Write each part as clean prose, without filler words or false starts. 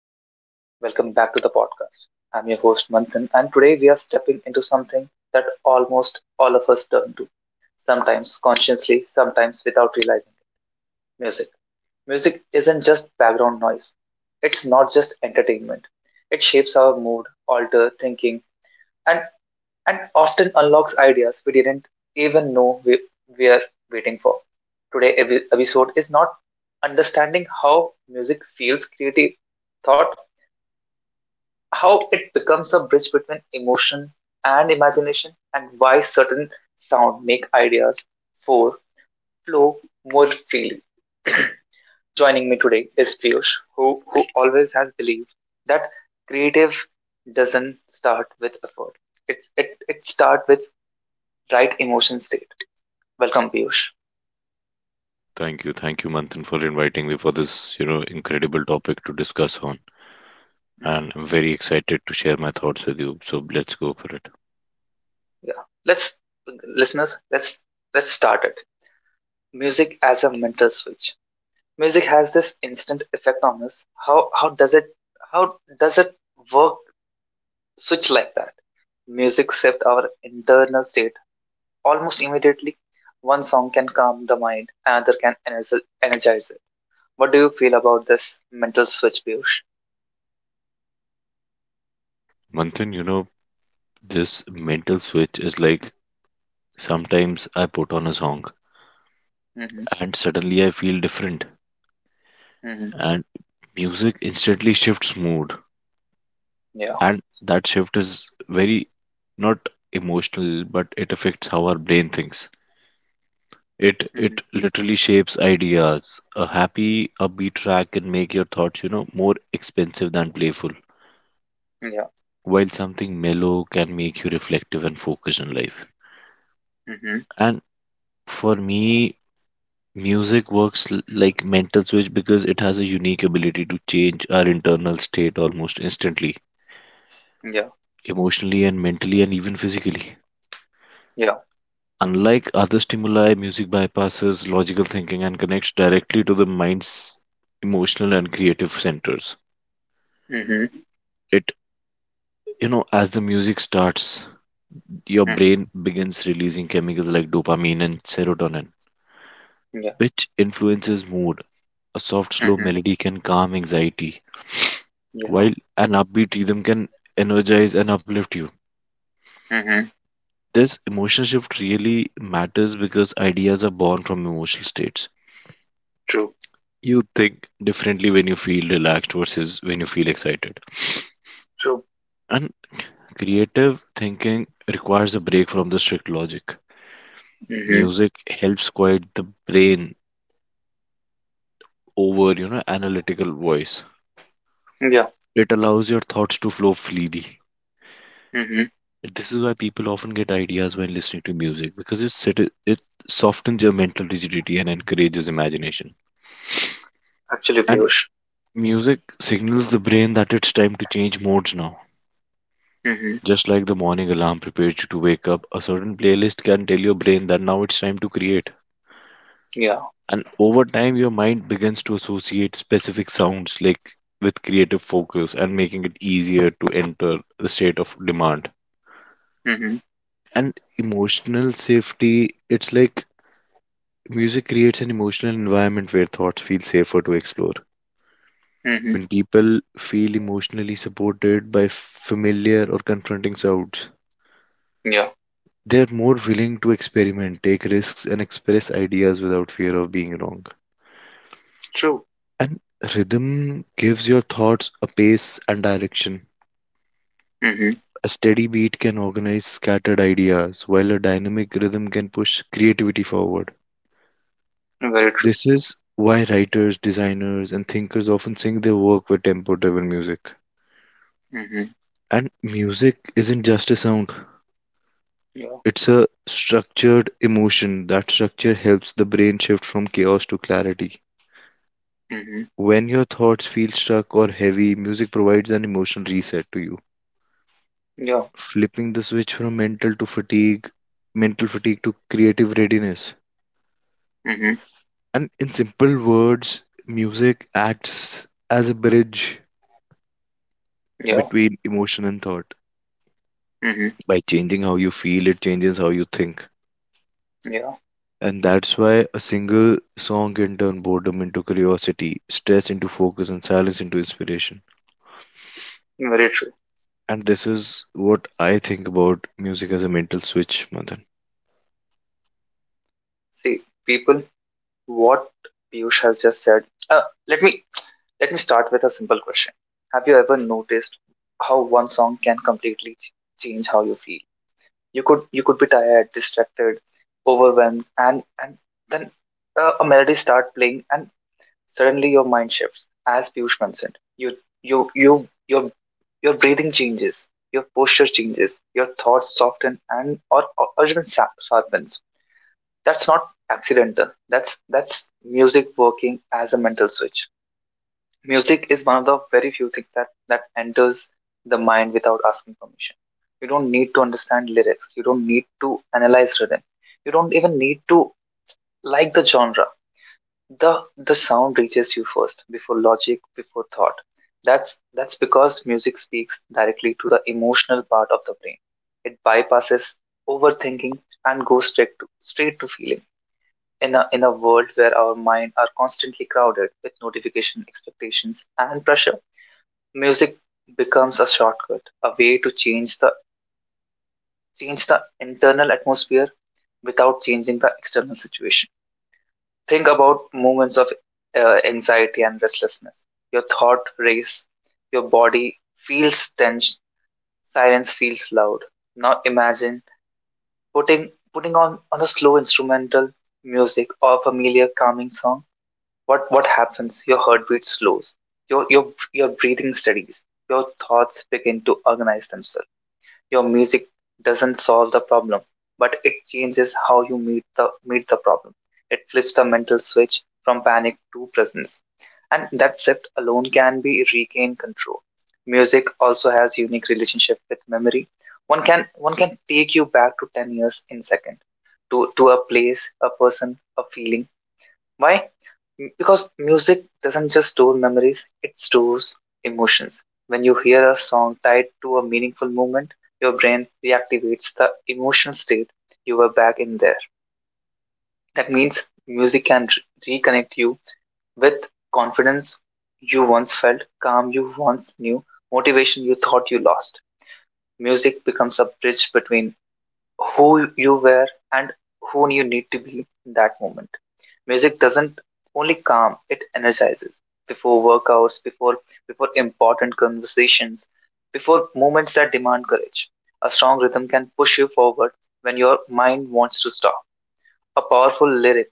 Hello, everyone. Welcome back to the podcast. I'm your host, Manthan, and today we are stepping into something that almost all of us turn to, sometimes consciously, sometimes without realizing it, music. Music isn't just background noise, it's not just entertainment. It shapes our mood, alter thinking, and, and often unlocks ideas we didn't even know we are waiting for. Today episode is not understanding how music feels creative thought, how it becomes a bridge between emotion and imagination, and why certain sound make ideas for flow more freely. Joining me today is Piyush, who always has believed that creative doesn't start with effort. It starts with right emotion state. Welcome, Piyush. Thank you, Manthan, for inviting me for this, incredible topic to discuss on. Mhm. And I'm very excited to share my thoughts with you. So let's go for it. Yeah, let's listeners, let's start it. Music as a mental switch. Music has this instant effect on us. How does it, how does it work, switch like that? Music shifts our internal state almost immediately. One song can calm the mind, another can energize it. What do you feel about this mental switch, Piyush? Manthan, this mental switch is like sometimes I put on a song Mm-hmm. and suddenly I feel different, Mm-hmm. and music instantly shifts mood. Yeah. And that shift is very not emotional, but it affects how our brain thinks. It Mm-hmm. it literally shapes ideas. A happy upbeat track can make your thoughts, more expensive than playful, Yeah. while something mellow can make you reflective and focused in life. Mm-hmm. And for me, music works like mental switch because it has a unique ability to change our internal state almost instantly, Yeah. emotionally and mentally and even physically. Yeah. Unlike other stimuli, music bypasses logical thinking and connects directly to the mind's emotional and creative centers. Mm-hmm. It You know, as the music starts, your Mm-hmm. brain begins releasing chemicals like dopamine and serotonin, Yeah. which influences mood. A soft, slow Mm-hmm. melody can calm anxiety, Yeah. while an upbeat rhythm can energize and uplift you. Mm-hmm. This emotional shift really matters because ideas are born from emotional states. True. You think differently when you feel relaxed versus when you feel excited. True. And creative thinking requires a break from the strict logic. Mm-hmm. Music helps quiet the brain over, analytical voice. Yeah. It allows your thoughts to flow freely. Mm-hmm. This is why people often get ideas when listening to music because it softens your mental rigidity and encourages imagination. Actually, And Piyush. music signals the brain that it's time to change modes now. Mm-hmm. Just like the morning alarm prepares you to wake up, a certain playlist can tell your brain that now it's time to create. Yeah. And over time, your mind begins to associate specific sounds like with creative focus and making it easier to enter the state of demand. Mm-hmm. And emotional safety, it's like music creates an emotional environment where thoughts feel safer to explore Mhm. when people feel emotionally supported by familiar or confronting sounds. Yeah. They're more willing to experiment, take risks, and express ideas without fear of being wrong. True. And rhythm gives your thoughts a pace and direction. Mhm. A steady beat can organize scattered ideas while a dynamic rhythm can push creativity forward. Very true. This is why writers, designers, and thinkers often sync their work with tempo driven music. Mhm. And music isn't just a sound, Yeah. it's a structured emotion. That structure helps the brain shift from chaos to clarity. Mhm. When your thoughts feel stuck or heavy, music provides an emotional reset to you, Yeah. flipping the switch from mental to fatigue, mental fatigue to creative readiness. Mhm. And in simple words, music acts as a bridge Yeah. between emotion and thought. Mhm. By changing how you feel, it changes how you think. Yeah. And that's why a single song can turn boredom into curiosity, stress into focus, and silence into inspiration. Very true. And this is what I think about music as a mental switch, Madan. See, people, what Piyush has just said. Uh, let me let me start with a simple question. Have you ever noticed how one song can completely change how you feel? You could be tired, distracted, overwhelmed, and then a melody start playing, and suddenly your mind shifts, as Piyush mentioned. Your your breathing changes, your posture changes, your thoughts soften and or even sharpens. That's not accidental. That's music working as a mental switch. Music is one of the very few things that enters the mind without asking permission. You don't need to understand lyrics. You don't need to analyze rhythm. You don't even need to like the genre. The sound reaches you first, before logic, before thought. That's because music speaks directly to the emotional part of the brain. It bypasses overthinking and goes straight to, straight to feeling. In a world where our mind are constantly crowded with notification expectations and pressure, music becomes a shortcut, a way to change the internal atmosphere without changing the external situation. Think about moments of anxiety and restlessness. Your thought race, your body feels tense, silence feels loud. Now imagine putting on a slow instrumental music or familiar calming song. What happens? Your heartbeat slows. Your breathing steadies. Your thoughts begin to organize themselves. Your music doesn't solve the problem, but it changes how you meet the problem. It flips the mental switch from panic to presence. And that shift alone can be regain control. Music also has unique relationship with memory. One can take you back to 10 years in second to a place, a person, a feeling. Why? Because music doesn't just store memories, it stores emotions. When you hear a song tied to a meaningful moment, your brain reactivates the emotional state you were back in there. That means music can reconnect you with confidence you once felt, calm you once knew, motivation you thought you lost. Music becomes a bridge between who you were and who you need to be in that moment. Music doesn't only calm, it energizes. Before workouts, before important conversations, before moments that demand courage. A strong rhythm can push you forward when your mind wants to stop. A powerful lyric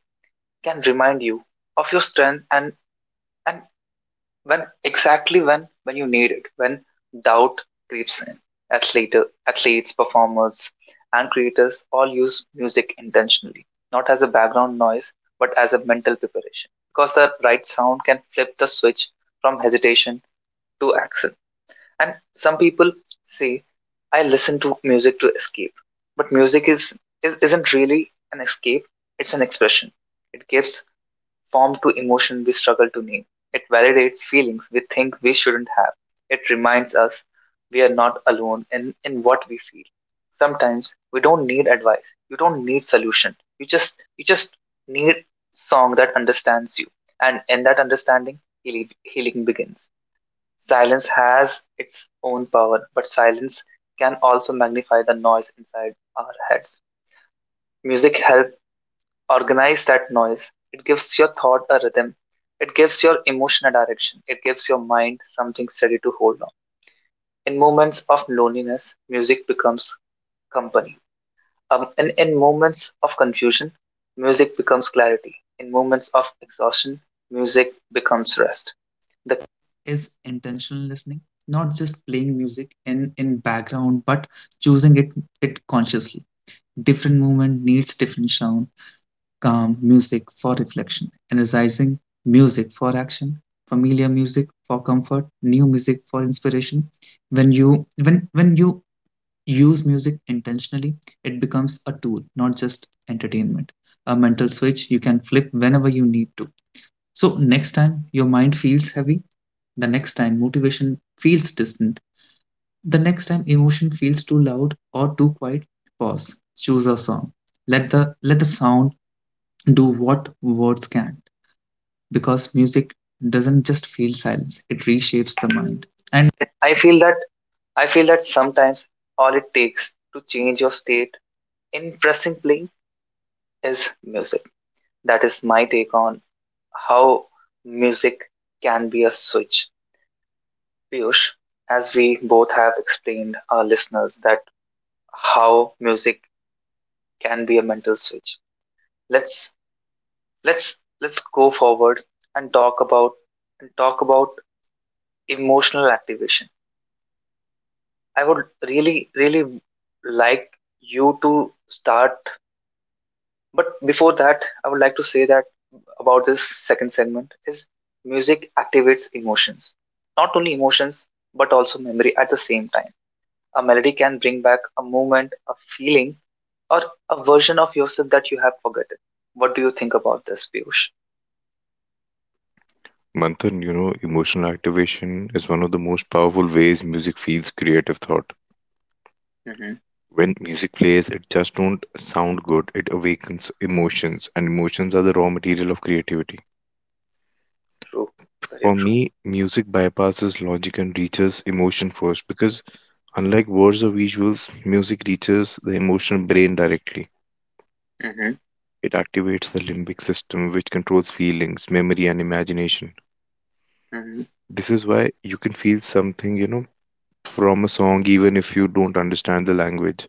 can remind you of your strength, and when, exactly when you need it, when doubt creeps in. Athletes, performers, and creators all use music intentionally, not as a background noise, but as a mental preparation, because the right sound can flip the switch from hesitation to action. And some people say, I listen to music to escape, but music is isn't really an escape, it's an expression. It gives formed to emotion we struggle to name. It validates feelings we think we shouldn't have. It reminds us we are not alone in what we feel. Sometimes we don't need advice. You don't need solution. You just need song that understands you. And in that understanding, healing begins. Silence has its own power, but silence can also magnify the noise inside our heads. Music help organize that noise. It gives your thought a rhythm. It gives your emotion a direction. It gives your mind something steady to hold on. In moments of loneliness, music becomes company. And in moments of confusion, music becomes clarity. In moments of exhaustion, music becomes rest. The is intentional listening, not just playing music in background, but choosing it consciously. Different movement needs different sound. Calm music for reflection, energizing music for action, familiar music for comfort, new music for inspiration. When you use music intentionally, it becomes a tool, not just entertainment. A mental switch you can flip whenever you need to. So next time your mind feels heavy, the next time motivation feels distant, the next time emotion feels too loud or too quiet, pause. Choose a song. Let the sound do what words can, because music doesn't just feel silence, it reshapes the mind. And I feel that I feel that sometimes all it takes to change your state in pressing play is music. That is my take on how music can be a switch. Piyush, as we both have explained our listeners that how music can be a mental switch. Let's let's go forward and talk about emotional activation. I would really like you to start. But before that, I would like to say that about this second segment is music activates emotions. Not only emotions, but also memory at the same time. A melody can bring back a moment, a feeling, or a version of yourself that you have forgotten. What do you think about this, Piyush? Manthan, emotional activation is one of the most powerful ways music feeds creative thought. Mm-hmm. When music plays, it just don't sound good. It awakens emotions, and emotions are the raw material of creativity. True, very For true. me, music bypasses logic and reaches emotion first because unlike words or visuals, music reaches the emotional brain directly. Mm-hmm. It activates the limbic system, which controls feelings, memory, and imagination. Mm-hmm. This is why you can feel something, from a song even if you don't understand the language.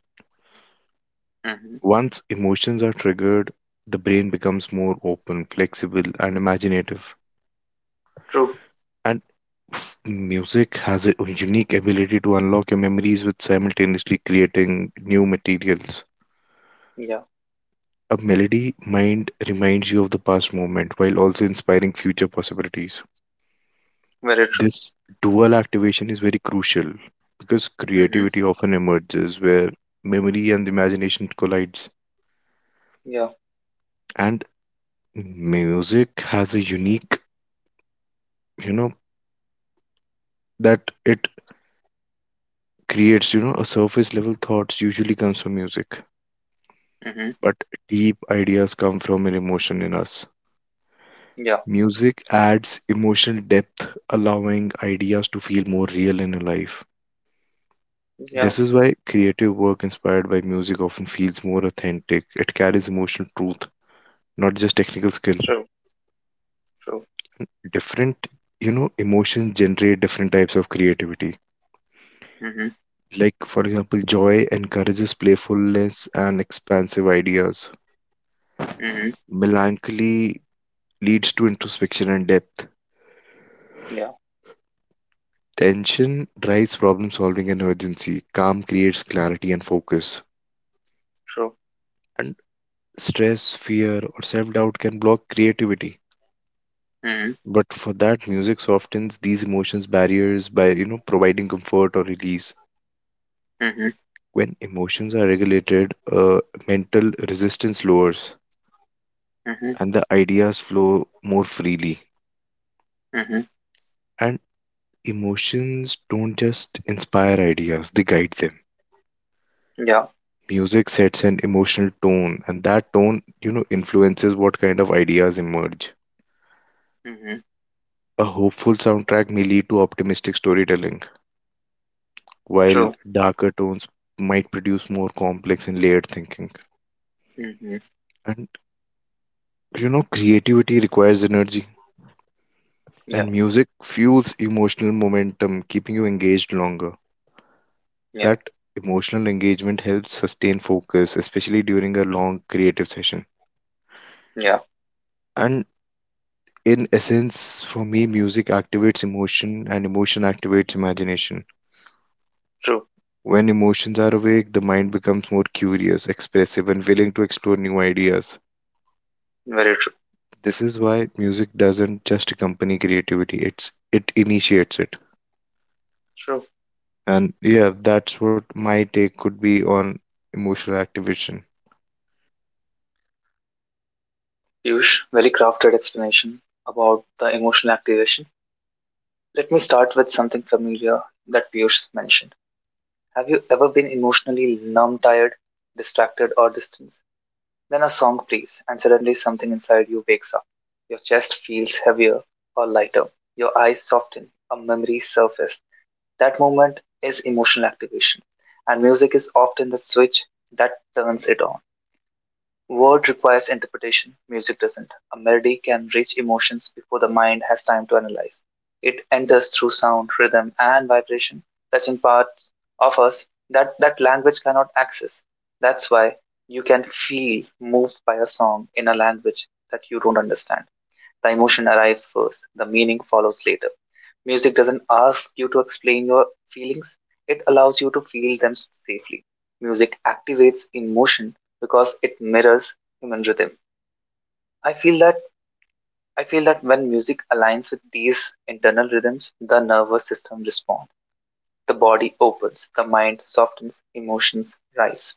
Mm-hmm. Once emotions are triggered, the brain becomes more open, flexible, and imaginative. True, And music has a unique ability to unlock your memories with simultaneously creating new materials. yeah, A melody mind reminds you of the past moment while also inspiring future possibilities. very true. This dual activation is very crucial because Mm-hmm. creativity often emerges where memory and imagination collides. Yeah. And music has a unique, you know, that it creates, a surface level thoughts usually comes from music, Mm-hmm. but deep ideas come from an emotion in us. Yeah. Music adds emotional depth, allowing ideas to feel more real and alive. Yeah. This is why creative work inspired by music often feels more authentic. It carries emotional truth, not just technical skill. True. True. Different, emotions generate different types of creativity. Mhm. Like, for example, joy encourages playfulness and expansive ideas. Mhm. Melancholy leads to introspection and depth. Yeah. Tension drives problem solving and urgency. Calm creates clarity and focus. True. And stress, fear, or self doubt can block creativity. Mhm. But for that, music softens these emotions barriers by providing comfort or release. Mhm. When emotions are regulated, mental resistance lowers, Mhm. and the ideas flow more freely. Mhm. And emotions don't just inspire ideas, they guide them. Yeah. Music sets an emotional tone, and that tone, influences what kind of ideas emerge. Mhm. A hopeful soundtrack may lead to optimistic storytelling, while True. darker tones might produce more complex and layered thinking. Mhm. And, creativity requires energy, Yeah. and music fuels emotional momentum, keeping you engaged longer. Yeah. That emotional engagement helps sustain focus, especially during a long creative session. Yeah. And in essence, for me, music activates emotion and emotion activates imagination. True. When emotions are awake, the mind becomes more curious, expressive, and willing to explore new ideas. Very true. This is why music doesn't just accompany creativity, it initiates it. True. And yeah, that's what my take could be on emotional activation. Piyush, very crafted explanation about the emotional activation. Let me start with something familiar that Piyush mentioned. Have you ever been emotionally numb, tired, distracted, or distant? Then a song plays, and suddenly something inside you wakes up. Your chest feels heavier or lighter. Your eyes soften. A memory surfaces. That moment is emotional activation, and music is often the switch that turns it on. Word requires interpretation, music doesn't. A melody can reach emotions before the mind has time to analyze. It enters through sound, rhythm, and vibration, touching parts of us that language cannot access. That's why you can feel moved by a song in a language that you don't understand. The emotion arrives first, the meaning follows later. Music doesn't ask you to explain your feelings, it allows you to feel them safely. Music activates emotion because it mirrors human rhythm. I feel that I feel that when music aligns with these internal rhythms, the nervous system responds. The body opens, the mind softens, emotions rise.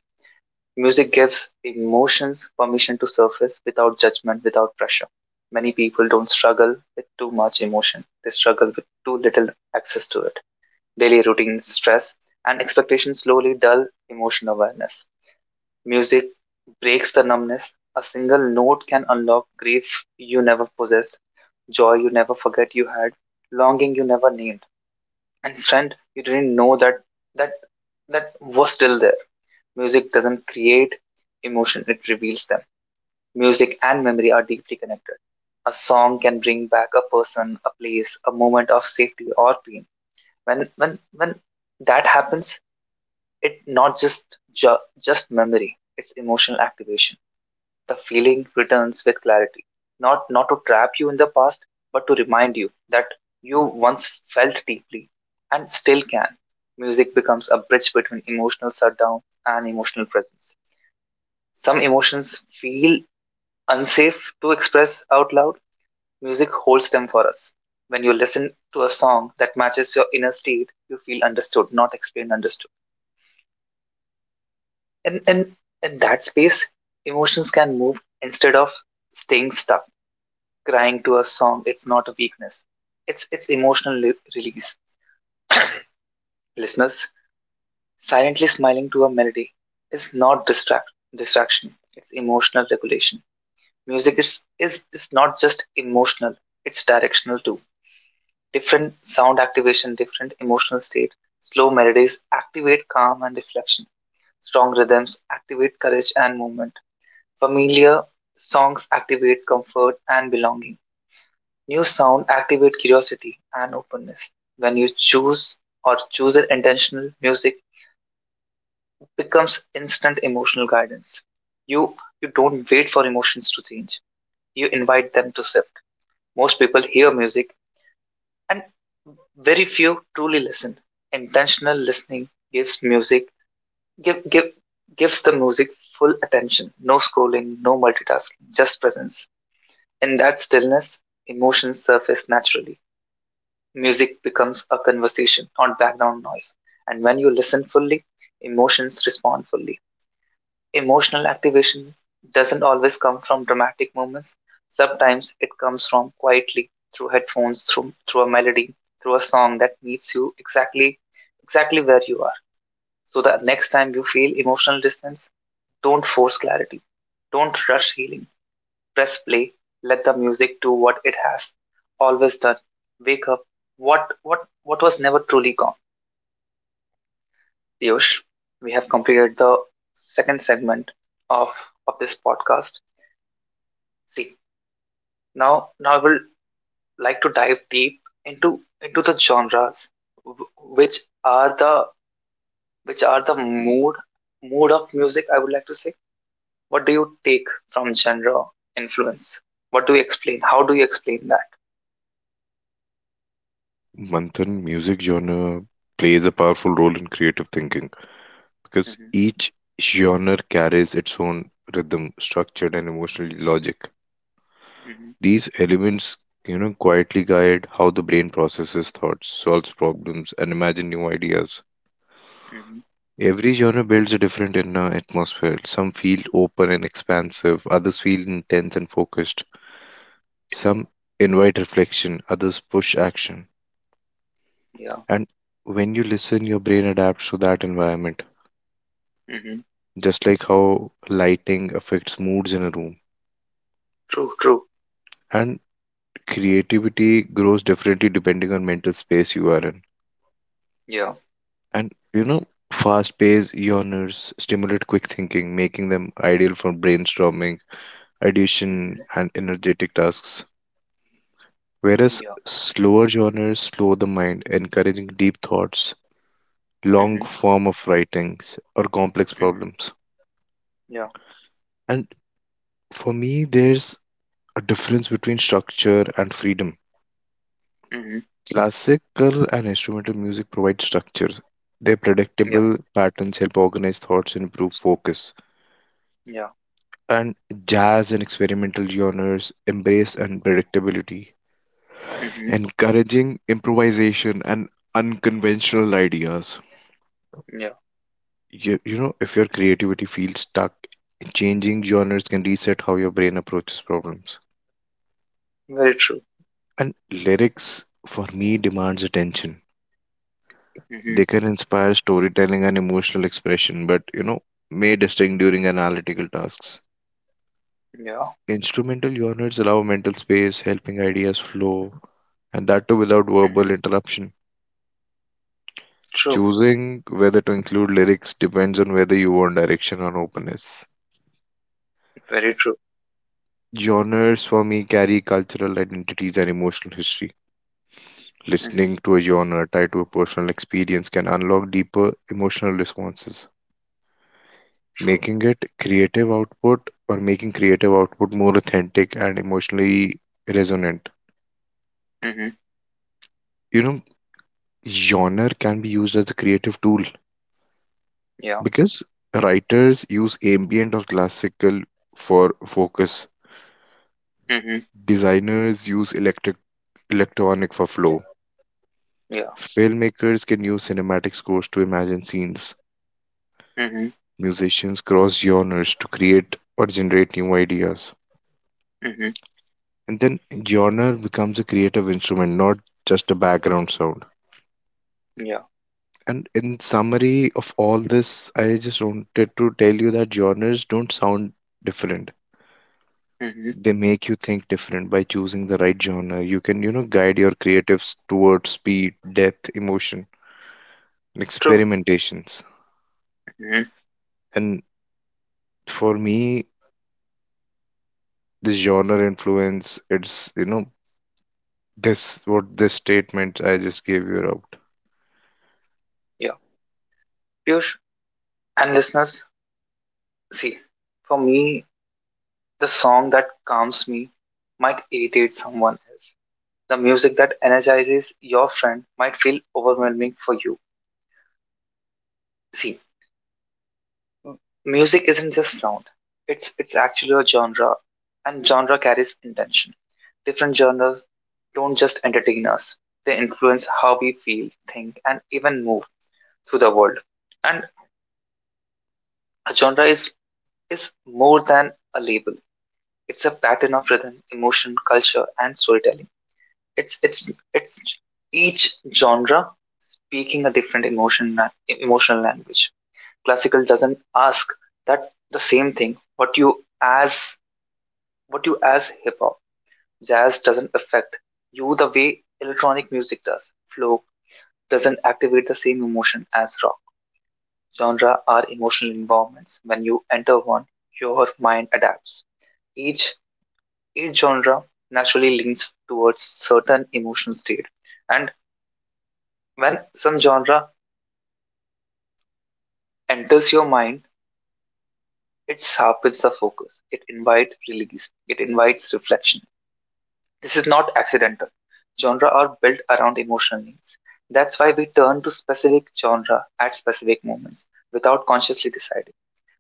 Music gives emotions permission to surface without judgment, without pressure. Many people don't struggle with too much emotion, they struggle with too little access to it. Daily routines, stress, and expectations slowly dull emotional awareness. Music breaks the numbness. A single note can unlock grief you never possessed, joy you never forget you had, longing you never named, and strength you didn't know that that that was still there. Music doesn't create emotion, it reveals them. Music and memory are deeply connected. A song can bring back a person, a place, a moment of safety or pain. When that happens, it not just just memory, it's emotional activation. The feeling returns with clarity. Not to trap you in the past, but to remind you that you once felt deeply and still can. Music becomes a bridge between emotional shutdown and emotional presence. Some emotions feel unsafe to express out loud. Music holds them for us. When you listen to a song that matches your inner state, you feel understood, not explained, understood. And in, in that space, emotions can move instead of staying stuck. Crying to a song, it's not a weakness, it's emotional release. Listeners, silently smiling to a melody is not distraction, it's emotional regulation. Music is not just emotional, it's directional too. Different sound activation different emotional state. Slow melodies activate calm and reflection, strong rhythms activate courage and movement, familiar songs activate comfort and belonging. New sound activate curiosity and openness. When you choose or choose it intentional, music becomes instant emotional guidance. You you don't wait for emotions to change. You invite them to shift. Most people hear music and very few truly listen. Intentional listening gives music give give gives the music full attention. No scrolling, no multitasking, just presence. In that stillness, emotions surface naturally. Music becomes a conversation, not background noise. And when you listen fully, emotions respond fully. Emotional activation doesn't always come from dramatic moments. Sometimes it comes from quietly through headphones, through a melody, through a song that meets you exactly where you are. So the next time you feel emotional distance, don't force clarity. Don't rush healing press play, let the music do what it has always done. Wake up. What was never truly gone. Piyush, we have completed the second segment of of this podcast. See, now I will like to dive deep into the genres which are the which are the mood of music I would like to say. What do you take from genre influence? What do you explain? How do you explain that? Manthan, music genre plays a powerful role in creative thinking because Mm-hmm, each genre carries its own rhythm, structure, and emotional logic. mm-hmm, These elements, quietly guide how the brain processes thoughts, solves problems, and imagine new ideas. mm-hmm. Every genre builds a different inner atmosphere. Some feel open and expansive, others feel intense and focused. Yeah, Some invite reflection, others push action. yeah. And when you listen, your brain adapts to that environment, Mhm. just like how lighting affects moods in a room. True, true. And creativity grows differently depending on mental space you are in. Yeah. And fast-paced yawners stimulate quick thinking, making them ideal for brainstorming, ideation, Mhm. and energetic tasks. Whereas Yeah. slower genres slow the mind, encouraging deep thoughts, long Mhm. form of writings, or complex Mhm. problems. Yeah. And for me, there's a difference between structure and freedom. Mhm. Classical and instrumental music provide structure. Their Yeah, predictable patterns help organize thoughts and improve focus, yeah. and jazz and experimental genres embrace unpredictability, Mhm. encouraging improvisation and unconventional ideas. Yeah. You know, if your creativity feels stuck, changing genres can reset how your brain approaches problems. Very true. And lyrics, for me, demands attention. Mhm. They can inspire storytelling and emotional expression, but may distinct during analytical tasks. Yeah. Instrumental genres allow mental space, helping ideas flow, and that too without verbal Mhm. interruption. True. Choosing whether to include lyrics depends on whether you want direction or openness. Very true. Genres for me carry cultural identities and emotional history. Mhm. Listening to a genre tied to a personal experience can unlock deeper emotional responses, True. making it creative output or making creative output more authentic and emotionally resonant. Mhm. You know, genre can be used as a creative tool Yeah. because writers use ambient or classical for focus. Mhm. Designers use electric electronic for Yeah, flow. yeah. Filmmakers can use cinematic scores to imagine scenes. Mhm. Musicians cross genres to create or generate new ideas. Mhm. And then genre becomes a creative instrument, not just a background sound. Yeah. And in summary of all this, I just wanted to tell you that genres don't sound different. Mhm. They make you think different by choosing the right genre. You can, guide your creatives towards speed, depth, emotion, and True. experimentations. Mhm. And for me, this genre influence, it's this what this statement I just gave you about. Yeah. Piyush and listeners, see, for me, the song that calms me might irritate someone else. The music that energizes your friend might feel overwhelming for you. See, music isn't just sound. It's actually a genre and genre carries intention. Different genres don't just entertain us. They influence how we feel, think and even move through the world. And a genre is more than a label. It's a pattern of rhythm, emotion, culture and storytelling. It's each genre speaking a different emotional language. Classical doesn't ask that the same thing as what you as hip hop. Jazz doesn't affect you the way electronic music does. Flow doesn't activate the same emotion as rock. Genre are emotional environments. When you enter one, your mind adapts. Each each genre naturally leans towards certain emotional state. And when some genre enters your mind, it sharpens the focus. It invites release. It invites reflection. This is not accidental. Genres are built around emotional needs. That's why we turn to specific genre at specific moments without consciously deciding.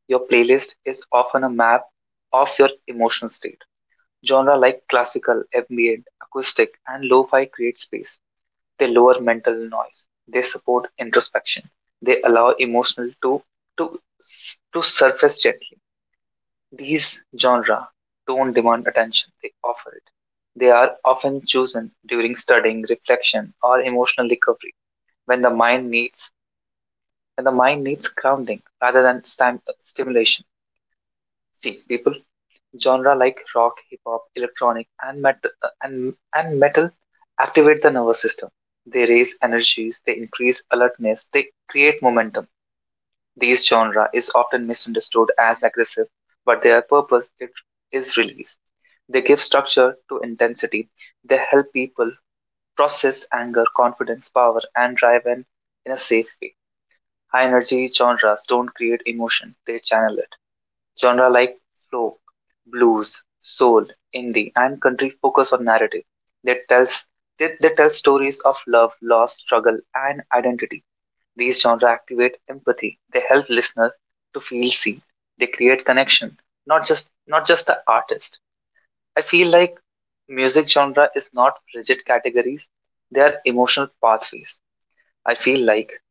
Your playlist is often a map of your emotional state. Genre like classical, ambient, acoustic, and lo-fi create space. They lower mental noise. They support introspection. They allow emotional to to surface gently. These genres don't demand attention, they offer it. They are often chosen during studying, reflection, or emotional recovery when the mind needs when the mind needs grounding rather than stimulation. See, people, genre like rock, hip hop, electronic, and metal and, and metal activate the nervous system. They raise energies, they increase alertness, they create momentum. These genre is often misunderstood as aggressive, but their purpose is release. They give structure to intensity. They help people process anger, confidence, power, and drive in a safe way. High energy genres don't create emotion, they channel it. Genre like folk, blues, soul, indie, and country focus on narrative. They tells they tell stories of love, loss, struggle, and identity. These genres activate empathy. They help listeners to feel seen. They create connection, not just the artist. I feel like music genre is not rigid categories. They are emotional pathways. I feel like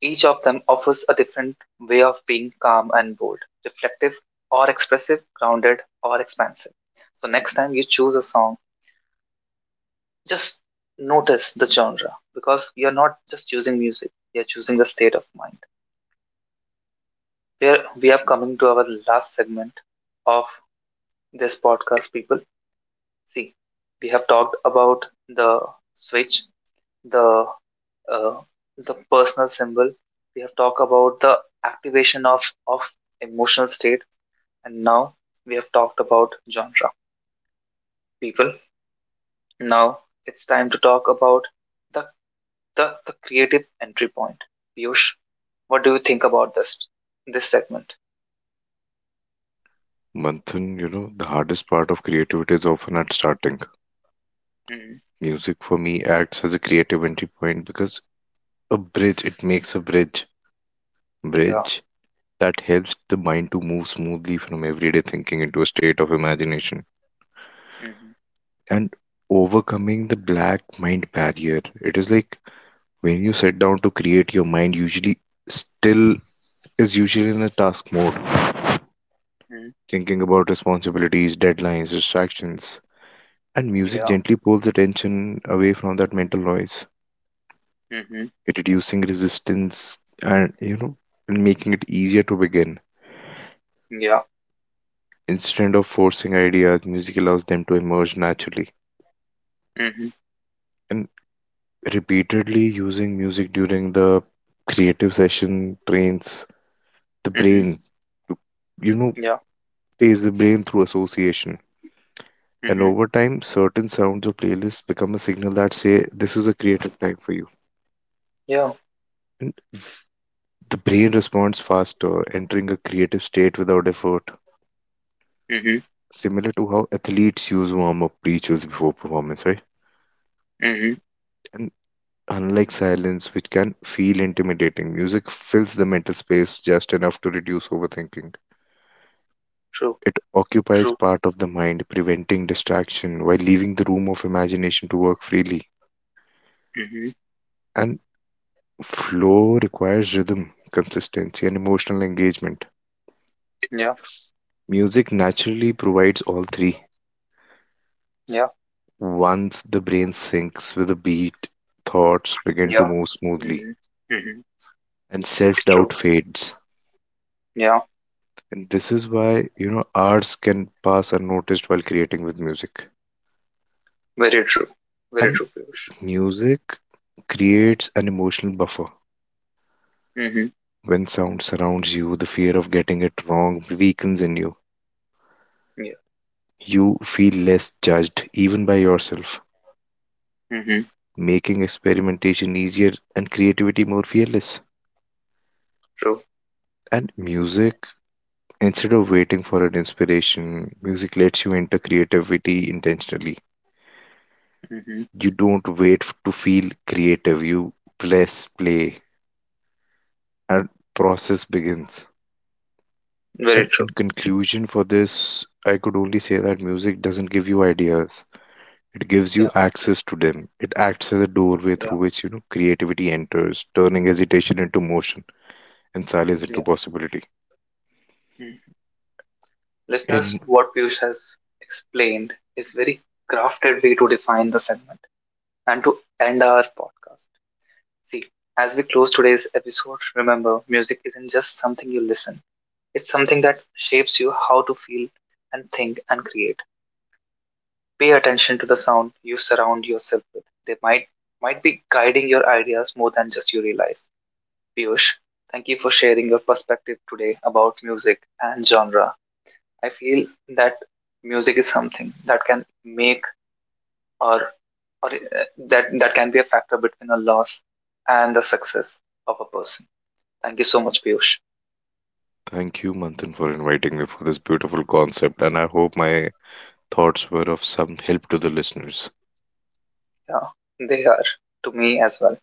each of them offers a different way of being calm and bold, reflective or expressive, grounded or expansive. So next time you choose a song, just notice the genre because you're not just using music, you're choosing the state of mind. Here we are coming to our last segment of this podcast, people. See, we have talked about the switch, the uh, the personal symbol. We have talked about the activation of emotional state. And now we have talked about genre, people. Now it's time to talk about the, the creative entry point. Piyush, what do you think about this segment? Manthan, the hardest part of creativity is often at starting. Hmm. Music for me acts as a creative entry point because a bridge, it makes a bridge. Yeah. Bridge that helps the mind to move smoothly from everyday thinking into a state of imagination. Hmm. And overcoming the black mind barrier, it is like when you sit down to create, your mind usually still is usually in a task mode Hmm. thinking about responsibilities, deadlines, distractions. And music Yeah. gently pulls attention away from that mental noise, Hmm. reducing resistance and, making it easier to begin. Yeah. Instead of forcing ideas, music allows them to emerge naturally. Hmm. And repeatedly using music during the creative session trains the Hmm. brain to, you know, Yeah. pays the brain through association. And Hmm. over time, certain sounds or playlists become a signal that say, this is a creative time for you. Yeah. And the brain responds faster, entering a creative state without effort, Hmm. similar to how athletes use warm up rituals before performance, right? Hmm. And unlike silence, which can feel intimidating, music fills the mental space just enough to reduce overthinking. True. It occupies True. part of the mind, preventing distraction while leaving the room of imagination to work freely. Hmm. And flow requires rhythm, consistency, and emotional engagement. Yeah, Music naturally provides all three. yeah, Once the brain syncs with the beat, thoughts begin to yeah. move smoothly Hmm. Hmm. and self doubt True. fades. Yeah. And this is why, hours can pass unnoticed while creating with music. Very true. Very And true, Piyush. music creates an emotional buffer. Hmm. When sound surrounds you, the fear of getting it wrong weakens in you. Yeah. You feel less judged, even by yourself, Hmm. making experimentation easier and creativity more fearless. True. And music instead of waiting for an inspiration, music lets you enter creativity intentionally. Hmm. You don't wait to feel creative, you press play and process begins. Very And in true. conclusion for this, I could only say that music doesn't give you ideas. It gives you Yeah, access to them. It acts as a doorway through yeah, which, creativity enters, turning hesitation into motion and silence into yeah. possibility. Mm. Listeners, And what Piyush has explained is very crafted way to define the segment and to end our podcast. See, as we close today's episode, remember music isn't just something you listen. It's something that shapes you how to feel and think and create. Pay attention to the sound you surround yourself with. They might be guiding your ideas more than just you realize. Piyush, thank you for sharing your perspective today about music and genre. I feel that music is something that can make or or uh, that can be a factor between a loss and the success of a person. Thank you so much, Piyush. thank you, Manthan, for inviting me for this beautiful concept. And I hope my thoughts were of some help to the listeners. Yeah, they are to me as well.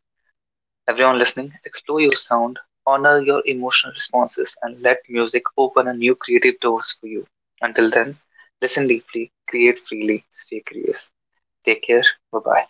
Everyone listening, explore your sound, honor your emotional responses, and let music open a new creative doors for you. Until then, listen deeply, create freely, stay curious. Take care. Bye bye.